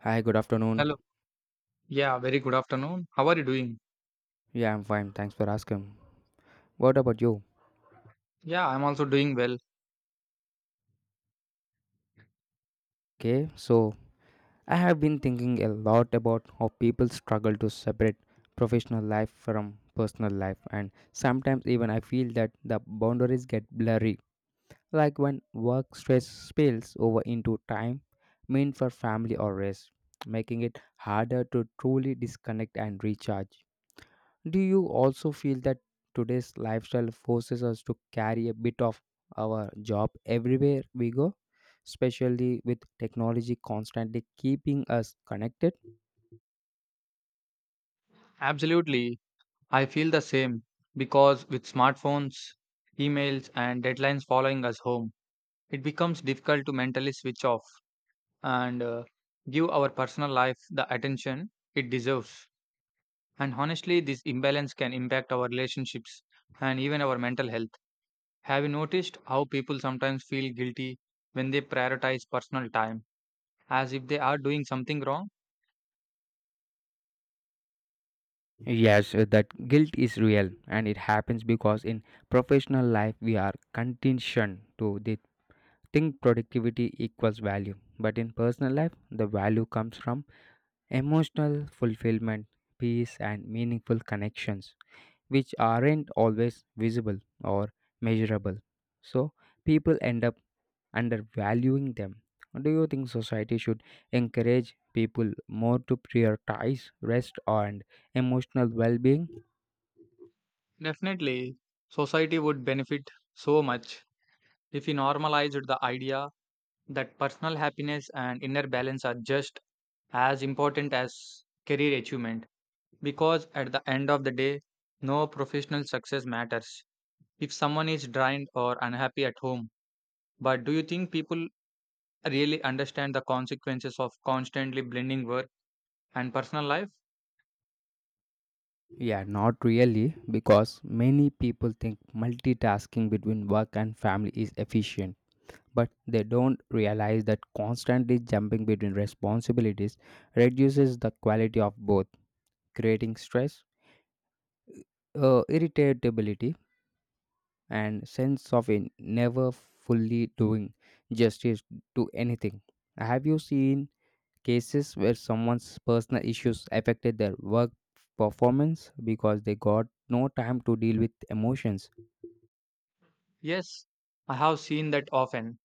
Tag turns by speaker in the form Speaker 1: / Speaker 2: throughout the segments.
Speaker 1: Hi, good afternoon.
Speaker 2: Hello. Yeah, very good afternoon. How are you doing?
Speaker 1: Yeah, I'm fine. Thanks for asking. What about you?
Speaker 2: Yeah, I'm also doing well.
Speaker 1: Okay, so I have been thinking a lot about how people struggle to separate professional life from personal life, and sometimes even I feel that the boundaries get blurry, like when work stress spills over into time meant for family or rest, making it harder to truly disconnect and recharge. Do you also feel that today's lifestyle forces us to carry a bit of our job everywhere we go, especially with technology constantly keeping us connected?
Speaker 2: Absolutely. I feel the same because with smartphones, emails, and deadlines following us home, it becomes difficult to mentally switch off and give our personal life the attention it deserves. And honestly, this imbalance can impact our relationships and even our mental health. Have you noticed how people sometimes feel guilty when they prioritize personal time, as if they are doing something wrong?
Speaker 1: Yes, that guilt is real and it happens because in professional life we are conditioned to the think productivity equals value. But in personal life, the value comes from emotional fulfillment, peace, and meaningful connections, which aren't always visible or measurable. So people end up undervaluing them. Do you think society should encourage people more to prioritize rest and emotional well being?
Speaker 2: Definitely, society would benefit so much if we normalized the idea that personal happiness and inner balance are just as important as career achievement. Because at the end of the day, no professional success matters if someone is drained or unhappy at home. But do you think people really understand the consequences of constantly blending work and personal life?
Speaker 1: Yeah, not really, because many people think multitasking between work and family is efficient, but they don't realize that constantly jumping between responsibilities reduces the quality of both, creating stress, irritability, and sense of in never fully doing justice to anything. Have you seen cases where someone's personal issues affected their work performance because they got no time to deal with emotions?
Speaker 2: Yes, I have seen that often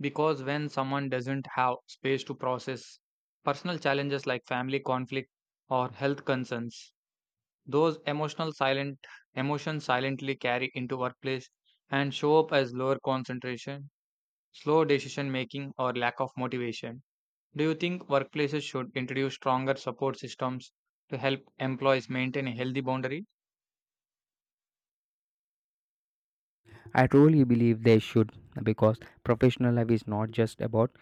Speaker 2: because when someone doesn't have space to process personal challenges like family conflict or health concerns, those emotional silent emotions silently carry into workplace and show up as lower concentration, slow decision making or lack of motivation. Do you think workplaces should introduce stronger support systems to help employees maintain a healthy boundary?
Speaker 1: I truly believe they should because professional life is not just about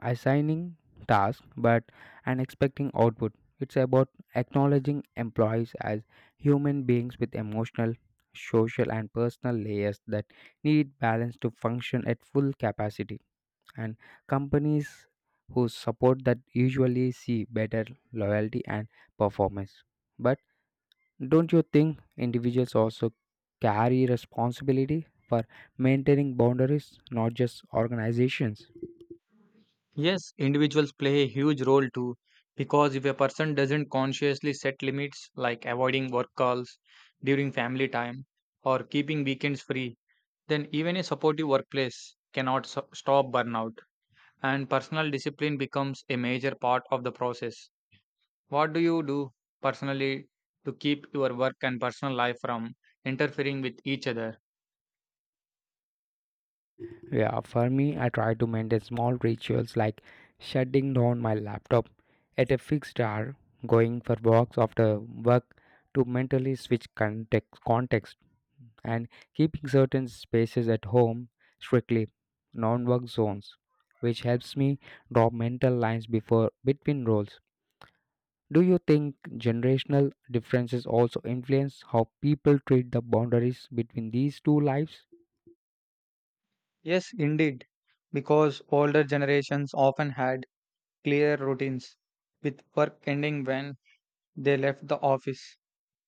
Speaker 1: assigning tasks but and expecting output. It's about acknowledging employees as human beings with emotional, social, and personal layers that need balance to function at full capacity. And companies who support that usually see better loyalty and performance. But don't you think individuals also carry responsibility for maintaining boundaries, not just organizations?
Speaker 2: Yes, individuals play a huge role too, because if a person doesn't consciously set limits like avoiding work calls during family time or keeping weekends free, then even a supportive workplace cannot stop burnout, and personal discipline becomes a major part of the process. What do you do personally to keep your work and personal life from interfering with each other?
Speaker 1: Yeah, for me, I try to maintain small rituals like shutting down my laptop at a fixed hour, going for walks after work to mentally switch context, and keeping certain spaces at home strictly non-work zones, which helps me draw mental lines before between roles. Do you think generational differences also influence how people treat the boundaries between these two lives?
Speaker 2: Yes, indeed, because older generations often had clear routines, with work ending when they left the office.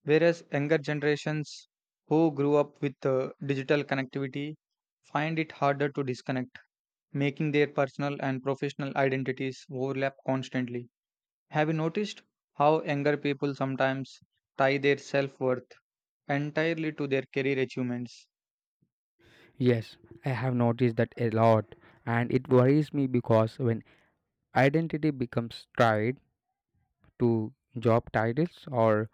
Speaker 2: Whereas younger generations who grew up with digital connectivity find it harder to disconnect, making their personal and professional identities overlap constantly. Have you noticed how younger people sometimes tie their self worth entirely to their career achievements?
Speaker 1: Yes, I have noticed that a lot, and it worries me because when identity becomes tied to job titles or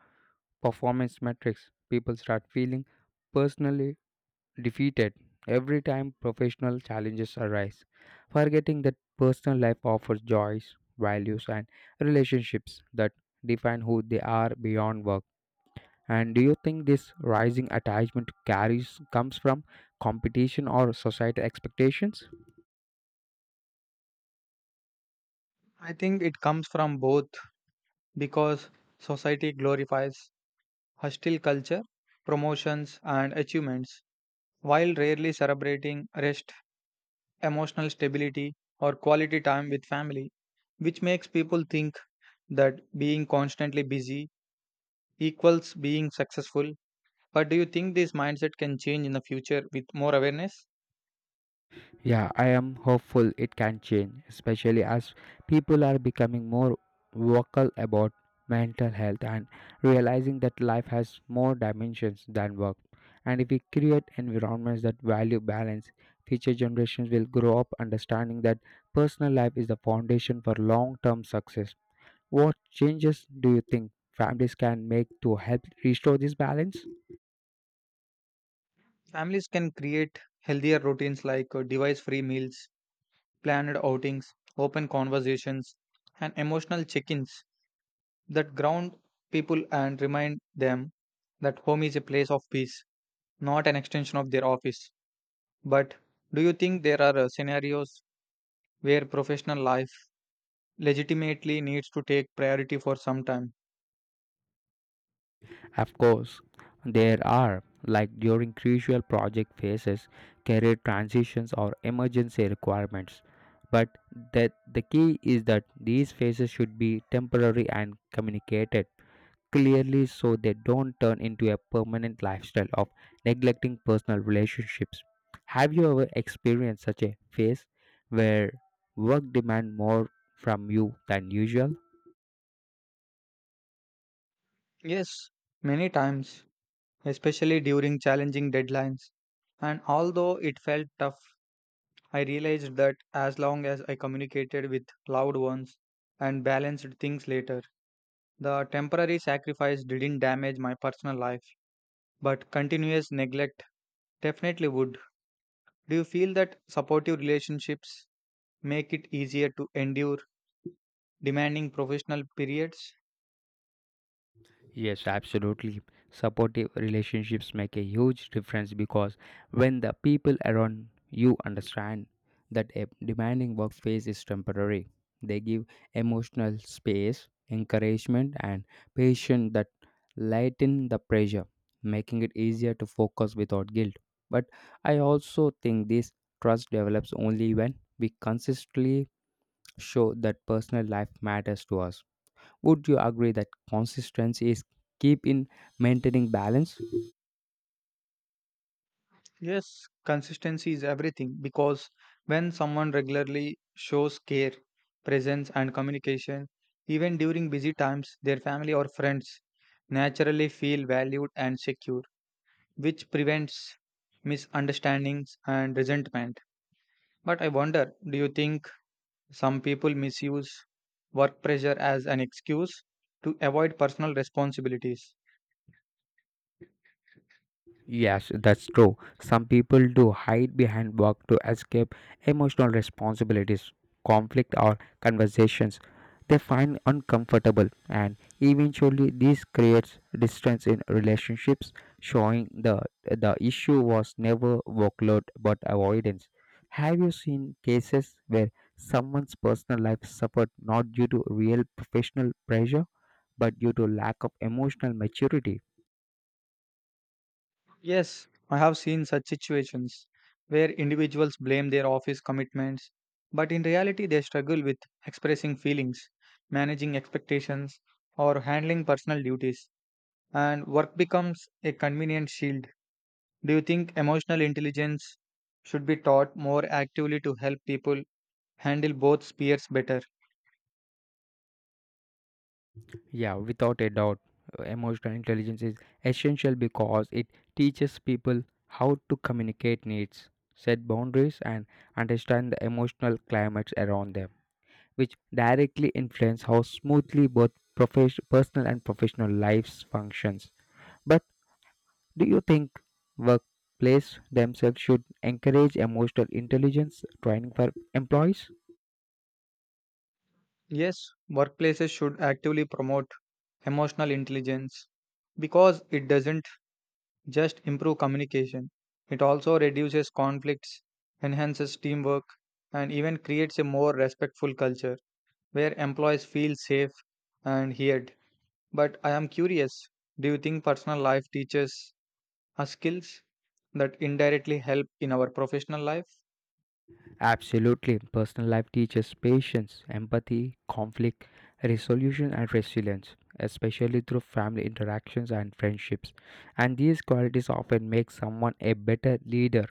Speaker 1: performance metrics, people start feeling personally defeated every time professional challenges arise, forgetting that personal life offers joys, values, and relationships that define who they are beyond work. And do you think this rising attachment carries comes from competition or societal expectations?
Speaker 2: I think it comes from both because society glorifies hostile culture, promotions, and achievements while rarely celebrating rest, emotional stability, or quality time with family, which makes people think that being constantly busy equals being successful. But do you think this mindset can change in the future with more awareness?
Speaker 1: Yeah, I am hopeful it can change, especially as people are becoming more vocal about mental health and realizing that life has more dimensions than work. And if we create environments that value balance, future generations will grow up understanding that personal life is the foundation for long term success. What changes do you think families can make to help restore this balance?
Speaker 2: Families can create healthier routines like device free meals, planned outings, open conversations, and emotional check ins that ground people and remind them that home is a place of peace, not an extension of their office. But do you think there are scenarios where professional life legitimately needs to take priority for some time?
Speaker 1: Of course, there are, like during crucial project phases, career transitions, or emergency requirements. But that the key is that these phases should be temporary and communicated clearly so they don't turn into a permanent lifestyle of neglecting personal relationships. Have you ever experienced such a phase where work demand more from you than usual?
Speaker 2: Yes, many times, especially during challenging deadlines. And although it felt tough, I realized that as long as I communicated with loved ones and balanced things later, the temporary sacrifice didn't damage my personal life, but continuous neglect definitely would. Do you feel that supportive relationships make it easier to endure demanding professional periods?
Speaker 1: Yes, absolutely. Supportive relationships make a huge difference because when the people around you understand that a demanding work phase is temporary, they give emotional space, encouragement, and patience that lighten the pressure, making it easier to focus without guilt. But I also think this trust develops only when we consistently show that personal life matters to us. Would you agree that consistency is key in maintaining balance?
Speaker 2: Yes, consistency is everything because when someone regularly shows care, presence, and communication, even during busy times, their family or friends naturally feel valued and secure, which prevents misunderstandings and resentment. But I wonder, do you think some people misuse work pressure as an excuse to avoid personal responsibilities?
Speaker 1: Yes, that's true. Some people do hide behind work to escape emotional responsibilities, conflict, or conversations they find uncomfortable, and eventually, this creates distance in relationships, showing the issue was never workload but avoidance. Have you seen cases where someone's personal life suffered not due to real professional pressure, but due to lack of emotional maturity?
Speaker 2: Yes, I have seen such situations where individuals blame their office commitments, but in reality, they struggle with expressing feelings, managing expectations, or handling personal duties, and work becomes a convenient shield. Do you think emotional intelligence should be taught more actively to help people handle both spheres better?
Speaker 1: Yeah, without a doubt, emotional intelligence is essential because it teaches people how to communicate needs, set boundaries, and understand the emotional climates around them, which directly influence how smoothly both personal and professional lives functions. But do you think workplace themselves should encourage emotional intelligence training for employees?
Speaker 2: Yes, workplaces should actively promote emotional intelligence because it doesn't just improve communication. It also reduces conflicts, enhances teamwork, and even creates a more respectful culture where employees feel safe and heard. But I am curious, do you think personal life teaches us skills that indirectly help in our professional life?
Speaker 1: Absolutely. Personal life teaches patience, empathy, conflict resolution, and resilience, especially through family interactions and friendships. And these qualities often make someone a better leader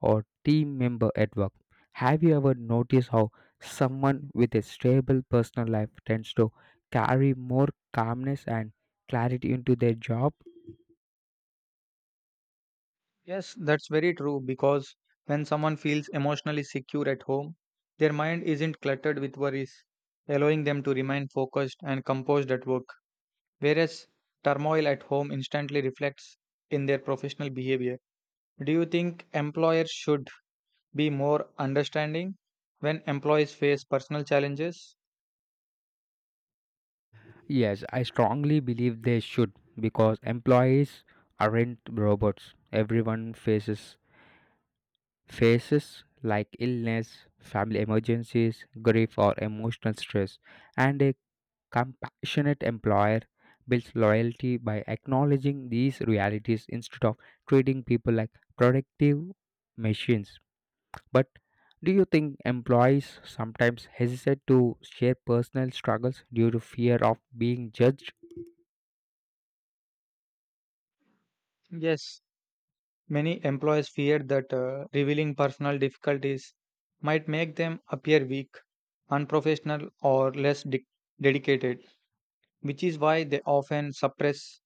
Speaker 1: or team member at work. Have you ever noticed how someone with a stable personal life tends to carry more calmness and clarity into their job?
Speaker 2: Yes, that's very true because when someone feels emotionally secure at home, their mind isn't cluttered with worries, allowing them to remain focused and composed at work, whereas turmoil at home instantly reflects in their professional behavior. Do you think employers should be more understanding when employees face personal challenges?
Speaker 1: Yes, I strongly believe they should because employees aren't robots. Everyone faces like illness, family emergencies, grief or emotional stress. And a compassionate employer builds loyalty by acknowledging these realities instead of treating people like productive machines. But do you think employees sometimes hesitate to share personal struggles due to fear of being judged?
Speaker 2: Yes, many employees fear that revealing personal difficulties might make them appear weak, unprofessional, or dedicated, which is why they often suppress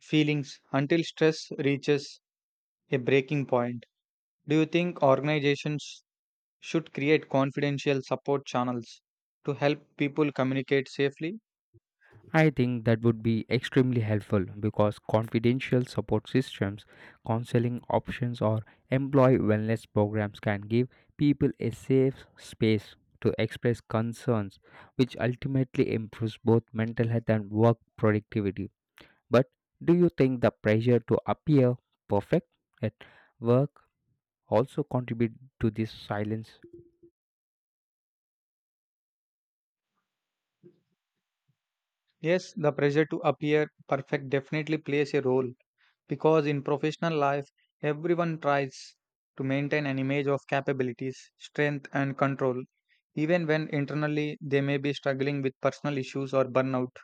Speaker 2: feelings until stress reaches a breaking point. Do you think organizations should create confidential support channels to help people communicate safely?
Speaker 1: I think that would be extremely helpful because confidential support systems, counseling options, or employee wellness programs can give people a safe space to express concerns, which ultimately improves both mental health and work productivity. But do you think the pressure to appear perfect at work also contribute to this silence?
Speaker 2: Yes, the pressure to appear perfect definitely plays a role because in professional life, everyone tries to maintain an image of capabilities, strength, and control, even when internally they may be struggling with personal issues or burnout.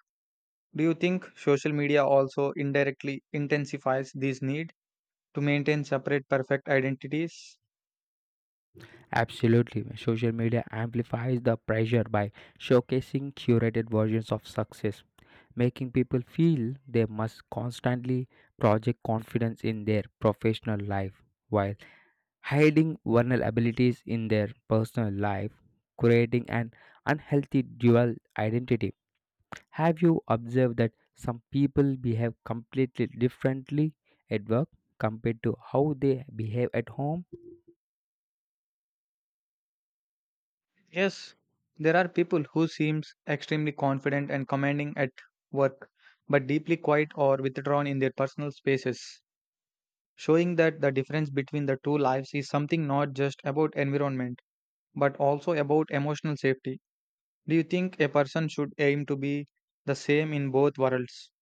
Speaker 2: Do you think social media also indirectly intensifies this need to maintain separate perfect identities?
Speaker 1: Absolutely. Social media amplifies the pressure by showcasing curated versions of success, making people feel they must constantly project confidence in their professional life while hiding vulnerabilities in their personal life, creating an unhealthy dual identity. Have you observed that some people behave completely differently at work compared to how they behave at home?
Speaker 2: Yes, there are people who seems extremely confident and commanding at work, but deeply quiet or withdrawn in their personal spaces, showing that the difference between the two lives is something not just about environment, but also about emotional safety. Do you think a person should aim to be the same in both worlds,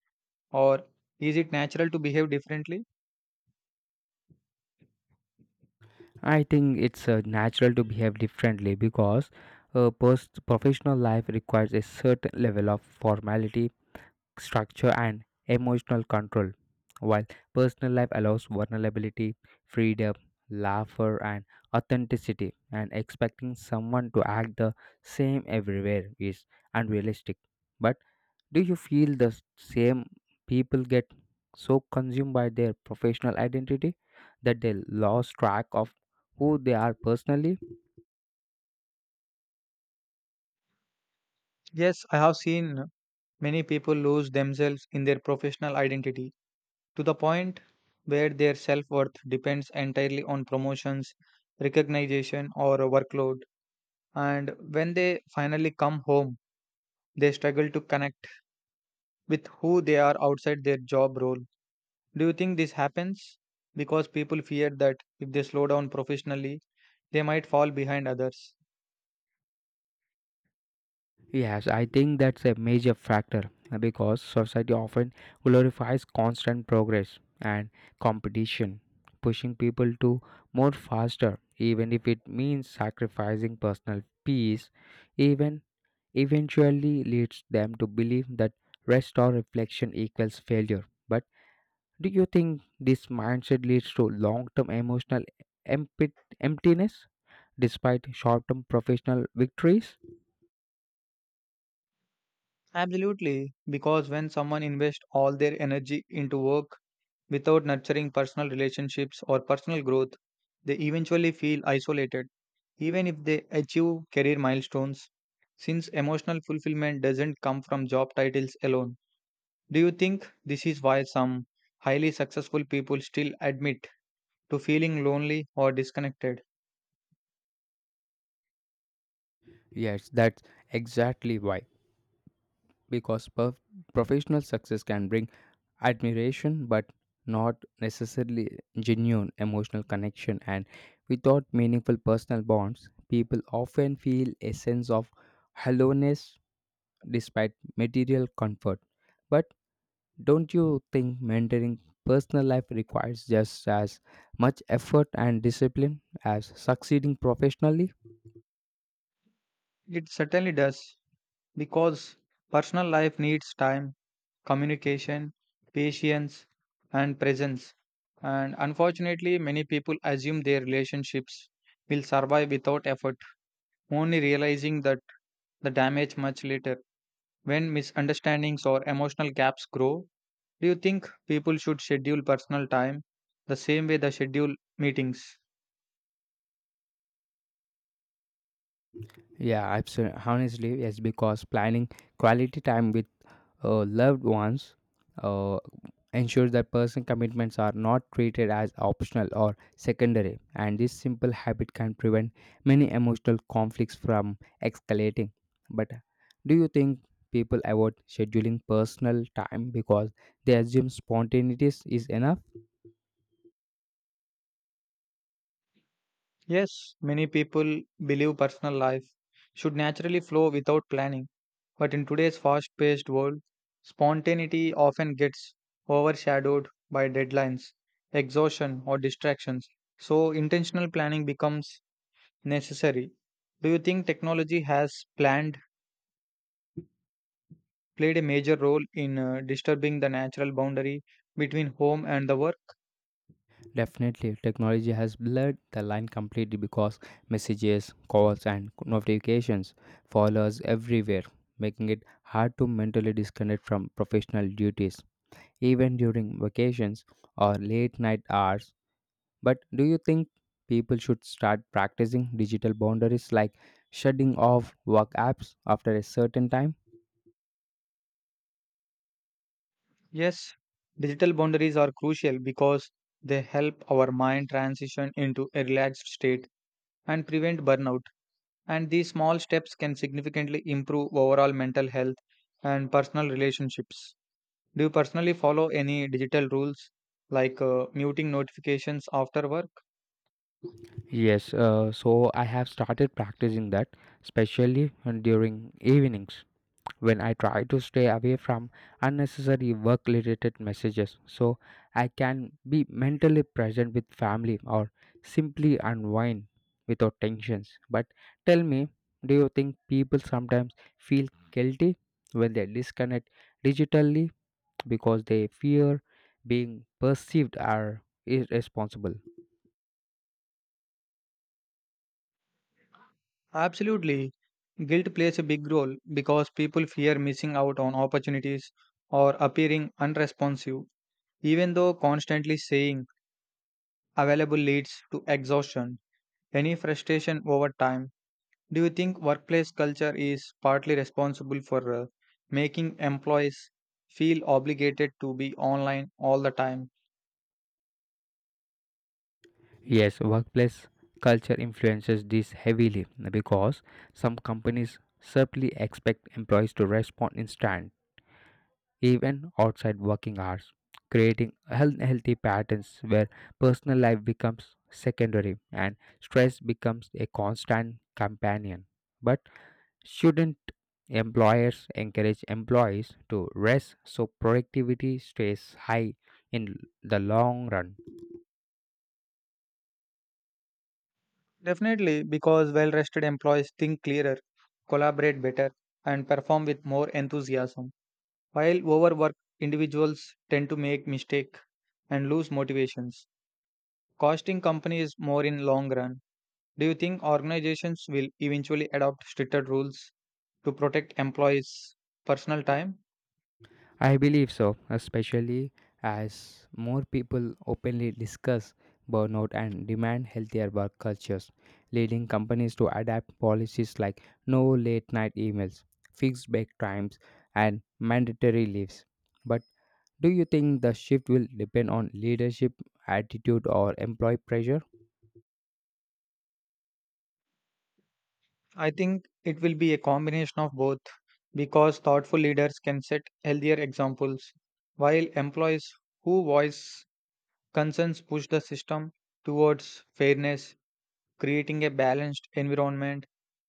Speaker 2: or is it natural to behave differently?
Speaker 1: I think it's natural to behave differently because post professional life requires a certain level of formality, structure, and emotional control, while personal life allows vulnerability, freedom, laughter, and authenticity. And expecting someone to act the same everywhere is unrealistic. But do you feel the same people get so consumed by their professional identity that they lose track of who they are personally?
Speaker 2: Yes, I have seen many people lose themselves in their professional identity to the point where their self worth depends entirely on promotions, recognition, or a workload. And when they finally come home, they struggle to connect with who they are outside their job role. Do you think this happens because people fear that if they slow down professionally, they might fall behind others?
Speaker 1: Yes, I think that's a major factor because society often glorifies constant progress and competition, pushing people to more faster, even if it means sacrificing personal peace, even eventually leads them to believe that rest or reflection equals failure. But do you think this mindset leads to long term emotional emptiness despite short term professional victories?
Speaker 2: Absolutely, because when someone invests all their energy into work without nurturing personal relationships or personal growth, they eventually feel isolated, even if they achieve career milestones, since emotional fulfillment doesn't come from job titles alone. Do you think this is why some highly successful people still admit to feeling lonely or disconnected?
Speaker 1: Yes, that's exactly why, because professional success can bring admiration but not necessarily genuine emotional connection, and without meaningful personal bonds people often feel a sense of hollowness despite material comfort. But don't you think mentoring personal life requires just as much effort and discipline as succeeding professionally?
Speaker 2: It certainly does, because personal life needs time, communication, patience, and presence. And unfortunately, many people assume their relationships will survive without effort, only realizing that the damage much later. When misunderstandings or emotional gaps grow, do you think people should schedule personal time the same way they schedule meetings?
Speaker 1: Yeah, absolutely. Honestly, yes, because planning quality time with loved ones uh, ensures that personal commitments are not treated as optional or secondary, and this simple habit can prevent many emotional conflicts from escalating. But do you think people avoid scheduling personal time because they assume spontaneity is enough?
Speaker 2: Yes, many people believe personal life should naturally flow without planning, but in today's fast paced world, spontaneity often gets overshadowed by deadlines, exhaustion, or distractions. So, intentional planning becomes necessary. Do you think technology has planned played a major role in disturbing the natural boundary between home and the work?
Speaker 1: Definitely, technology has blurred the line completely because messages, calls, and notifications follow us everywhere, making it hard to mentally disconnect from professional duties, even during vacations or late night hours. But do you think people should start practicing digital boundaries like shutting off work apps after a certain time?
Speaker 2: Yes, digital boundaries are crucial because they help our mind transition into a relaxed state and prevent burnout. And these small steps can significantly improve overall mental health and personal relationships. Do you personally follow any digital rules like muting notifications after work?
Speaker 1: Yes, so I have started practicing that, especially during evenings, when I try to stay away from unnecessary work related messages so I can be mentally present with family or simply unwind without tensions. But tell me, do you think people sometimes feel guilty when they disconnect digitally because they fear being perceived as irresponsible?
Speaker 2: Absolutely. Guilt plays a big role because people fear missing out on opportunities or appearing unresponsive, even though constantly saying available leads to exhaustion, any frustration over time. Do you think workplace culture is partly responsible for making employees feel obligated to be online all the time?
Speaker 1: Yes, workplace culture influences this heavily because some companies simply expect employees to respond instant, even outside working hours, creating unhealthy patterns where personal life becomes secondary and stress becomes a constant companion. But shouldn't employers encourage employees to rest so productivity stays high in the long run?
Speaker 2: Definitely, because well rested employees think clearer, collaborate better, and perform with more enthusiasm. While overworked individuals tend to make mistakes and lose motivations, costing companies more in long run. Do you think organizations will eventually adopt stricter rules to protect employees' personal time?
Speaker 1: I believe so, especially as more people openly discuss burnout and demand healthier work cultures, leading companies to adapt policies like no late night emails, fixed break times, and mandatory leaves. But do you think the shift will depend on leadership, attitude, or employee pressure?
Speaker 2: I think it will be a combination of both because thoughtful leaders can set healthier examples while employees who voice concerns push the system towards fairness, creating a balanced environment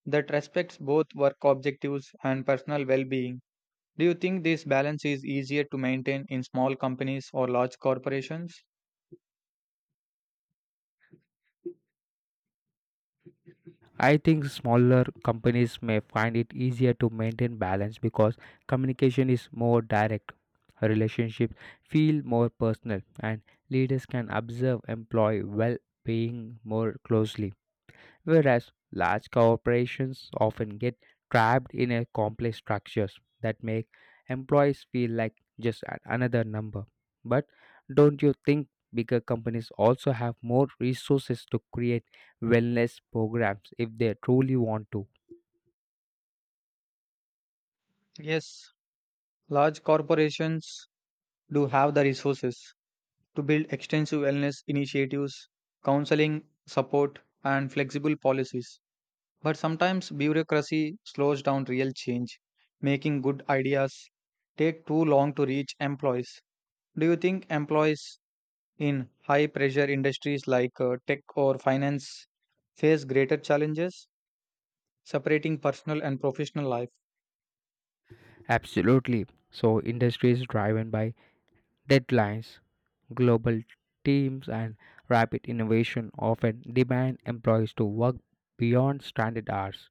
Speaker 2: that respects both work objectives and personal well being. Do you think this balance is easier to maintain in small companies or large corporations?
Speaker 1: I think smaller companies may find it easier to maintain balance because communication is more direct, relationships feel more personal, and leaders can observe employee well being more closely, whereas large corporations often get trapped in a complex structures that make employees feel like another number. But don't you think bigger companies also have more resources to create wellness programs if they truly want to?
Speaker 2: Yes, large corporations do have the resources to build extensive wellness initiatives, counseling support, and flexible policies. But sometimes bureaucracy slows down real change, making good ideas take too long to reach employees. Do you think employees in high pressure industries like tech or finance face greater challenges separating personal and professional life?
Speaker 1: Absolutely. So industries driven by deadlines, global teams and rapid innovation often demand employees to work beyond standard hours,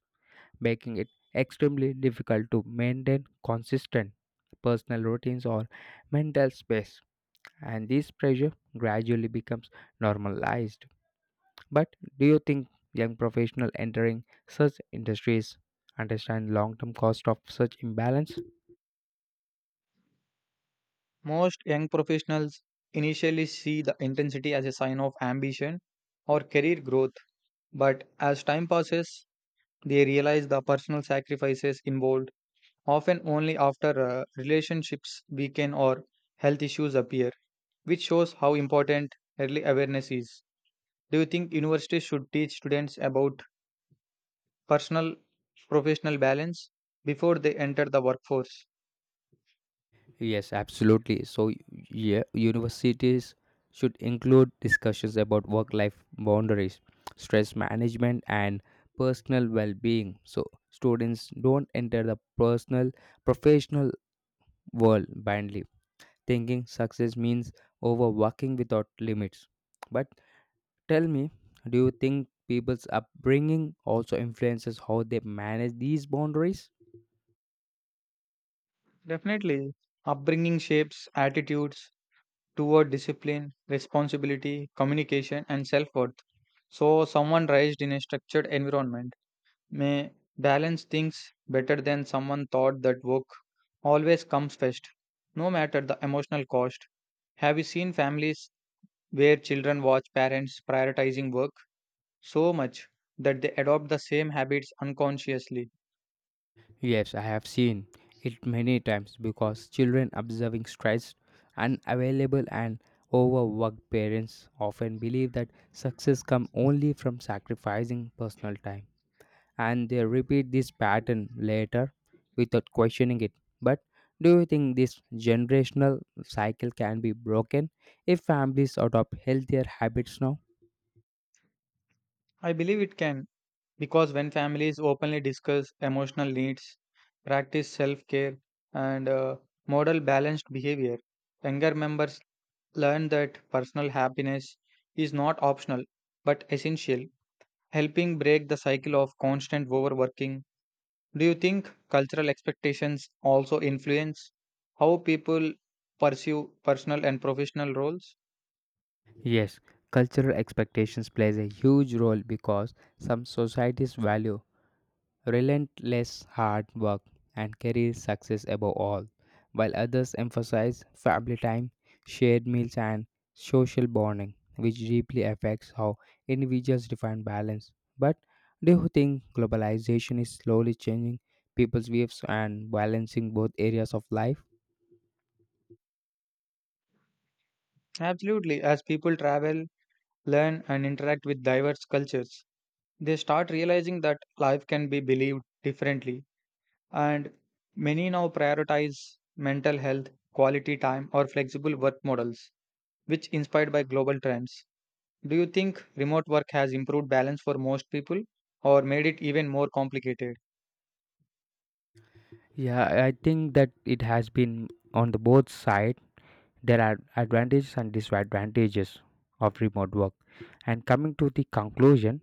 Speaker 1: making it extremely difficult to maintain consistent personal routines or mental space. And this pressure gradually becomes normalized. But do you think young professionals entering such industries understand long term cost of such imbalance?
Speaker 2: Most young professionals initially see the intensity as a sign of ambition or career growth, but as time passes, they realize the personal sacrifices involved, often only after relationships weaken or health issues appear, which shows how important early awareness is. Do you think universities should teach students about personal professional balance before they enter the workforce?
Speaker 1: Yes, absolutely. So, yeah, universities should include discussions about work life boundaries, stress management, and personal well being. So, students don't enter the personal, professional world blindly, thinking success means overworking without limits. But tell me, do you think people's upbringing also influences how they manage these boundaries?
Speaker 2: Definitely, upbringing shapes attitudes toward discipline, responsibility, communication, and self worth. So, someone raised in a structured environment may balance things better than someone thought that work always comes first, no matter the emotional cost. Have you seen families where children watch parents prioritizing work so much that they adopt the same habits unconsciously?
Speaker 1: Yes, I have seen it many times because children observing stressed, unavailable, and overworked parents often believe that success comes only from sacrificing personal time. And they repeat this pattern later without questioning it. But do you think this generational cycle can be broken if families adopt healthier habits now?
Speaker 2: I believe it can, because when families openly discuss emotional needs, practice self care, and model balanced behavior, younger members learn that personal happiness is not optional but essential, helping break the cycle of constant overworking. Do you think cultural expectations also influence how people pursue personal and professional roles?
Speaker 1: Yes, cultural expectations plays a huge role because some societies value relentless hard work and career success above all, while others emphasize family time, shared meals, and social bonding, which deeply affects how individuals define balance. But do you think globalization is slowly changing people's views and balancing both areas of life?
Speaker 2: Absolutely, as people travel, learn, and interact with diverse cultures, they start realizing that life can be believed differently, and many now prioritize mental health, quality time, or flexible work models, which inspired by global trends. Do you think remote work has improved balance for most people or made it even more complicated?
Speaker 1: Yeah, I think that it has been on the both side. There are advantages and disadvantages of remote work. And coming to the conclusion,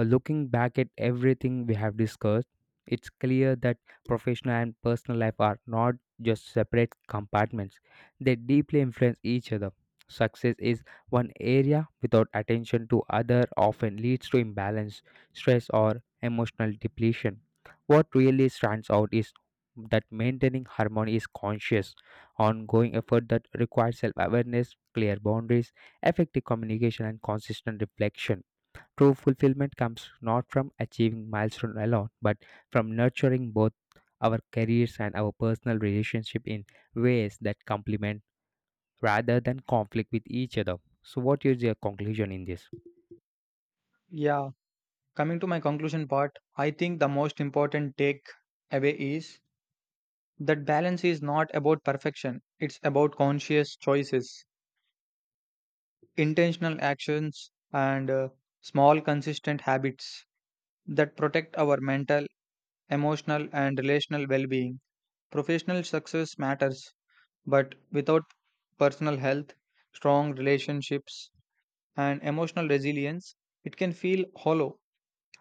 Speaker 1: Looking back at everything we have discussed, it's clear that professional and personal life are not just separate compartments, they deeply influence each other. Success is one area without attention to other often leads to imbalance, stress, or emotional depletion. What really stands out is that maintaining harmony is conscious, ongoing effort that requires self awareness, clear boundaries, effective communication, and consistent reflection. True fulfillment comes not from achieving milestone alone, but from nurturing both our careers and our personal relationship in ways that complement rather than conflict with each other. So what is your conclusion in this?
Speaker 2: Yeah, coming to my conclusion part, I think the most important take away is that balance is not about perfection, it's about conscious choices, intentional actions, and small consistent habits that protect our mental, emotional, and relational well being. Professional success matters, but without personal health, strong relationships, and emotional resilience, it can feel hollow.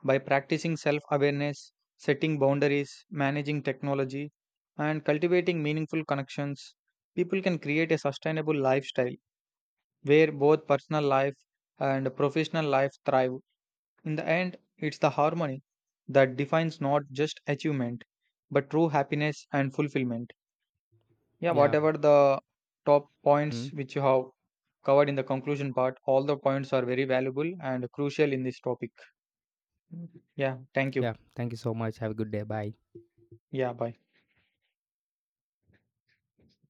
Speaker 2: By practicing self awareness, setting boundaries, managing technology, and cultivating meaningful connections, people can create a sustainable lifestyle where both personal life and professional life thrive. In the end, it's the harmony that defines not just achievement, but true happiness and fulfillment. Yeah,
Speaker 1: Yeah.
Speaker 2: whatever the top
Speaker 1: Mm.
Speaker 2: points which you have covered in the conclusion part, all the points are very valuable and crucial in this topic. Yeah, thank you.
Speaker 1: Yeah. Thank you so much. Have a good day. Bye.
Speaker 2: Yeah, bye.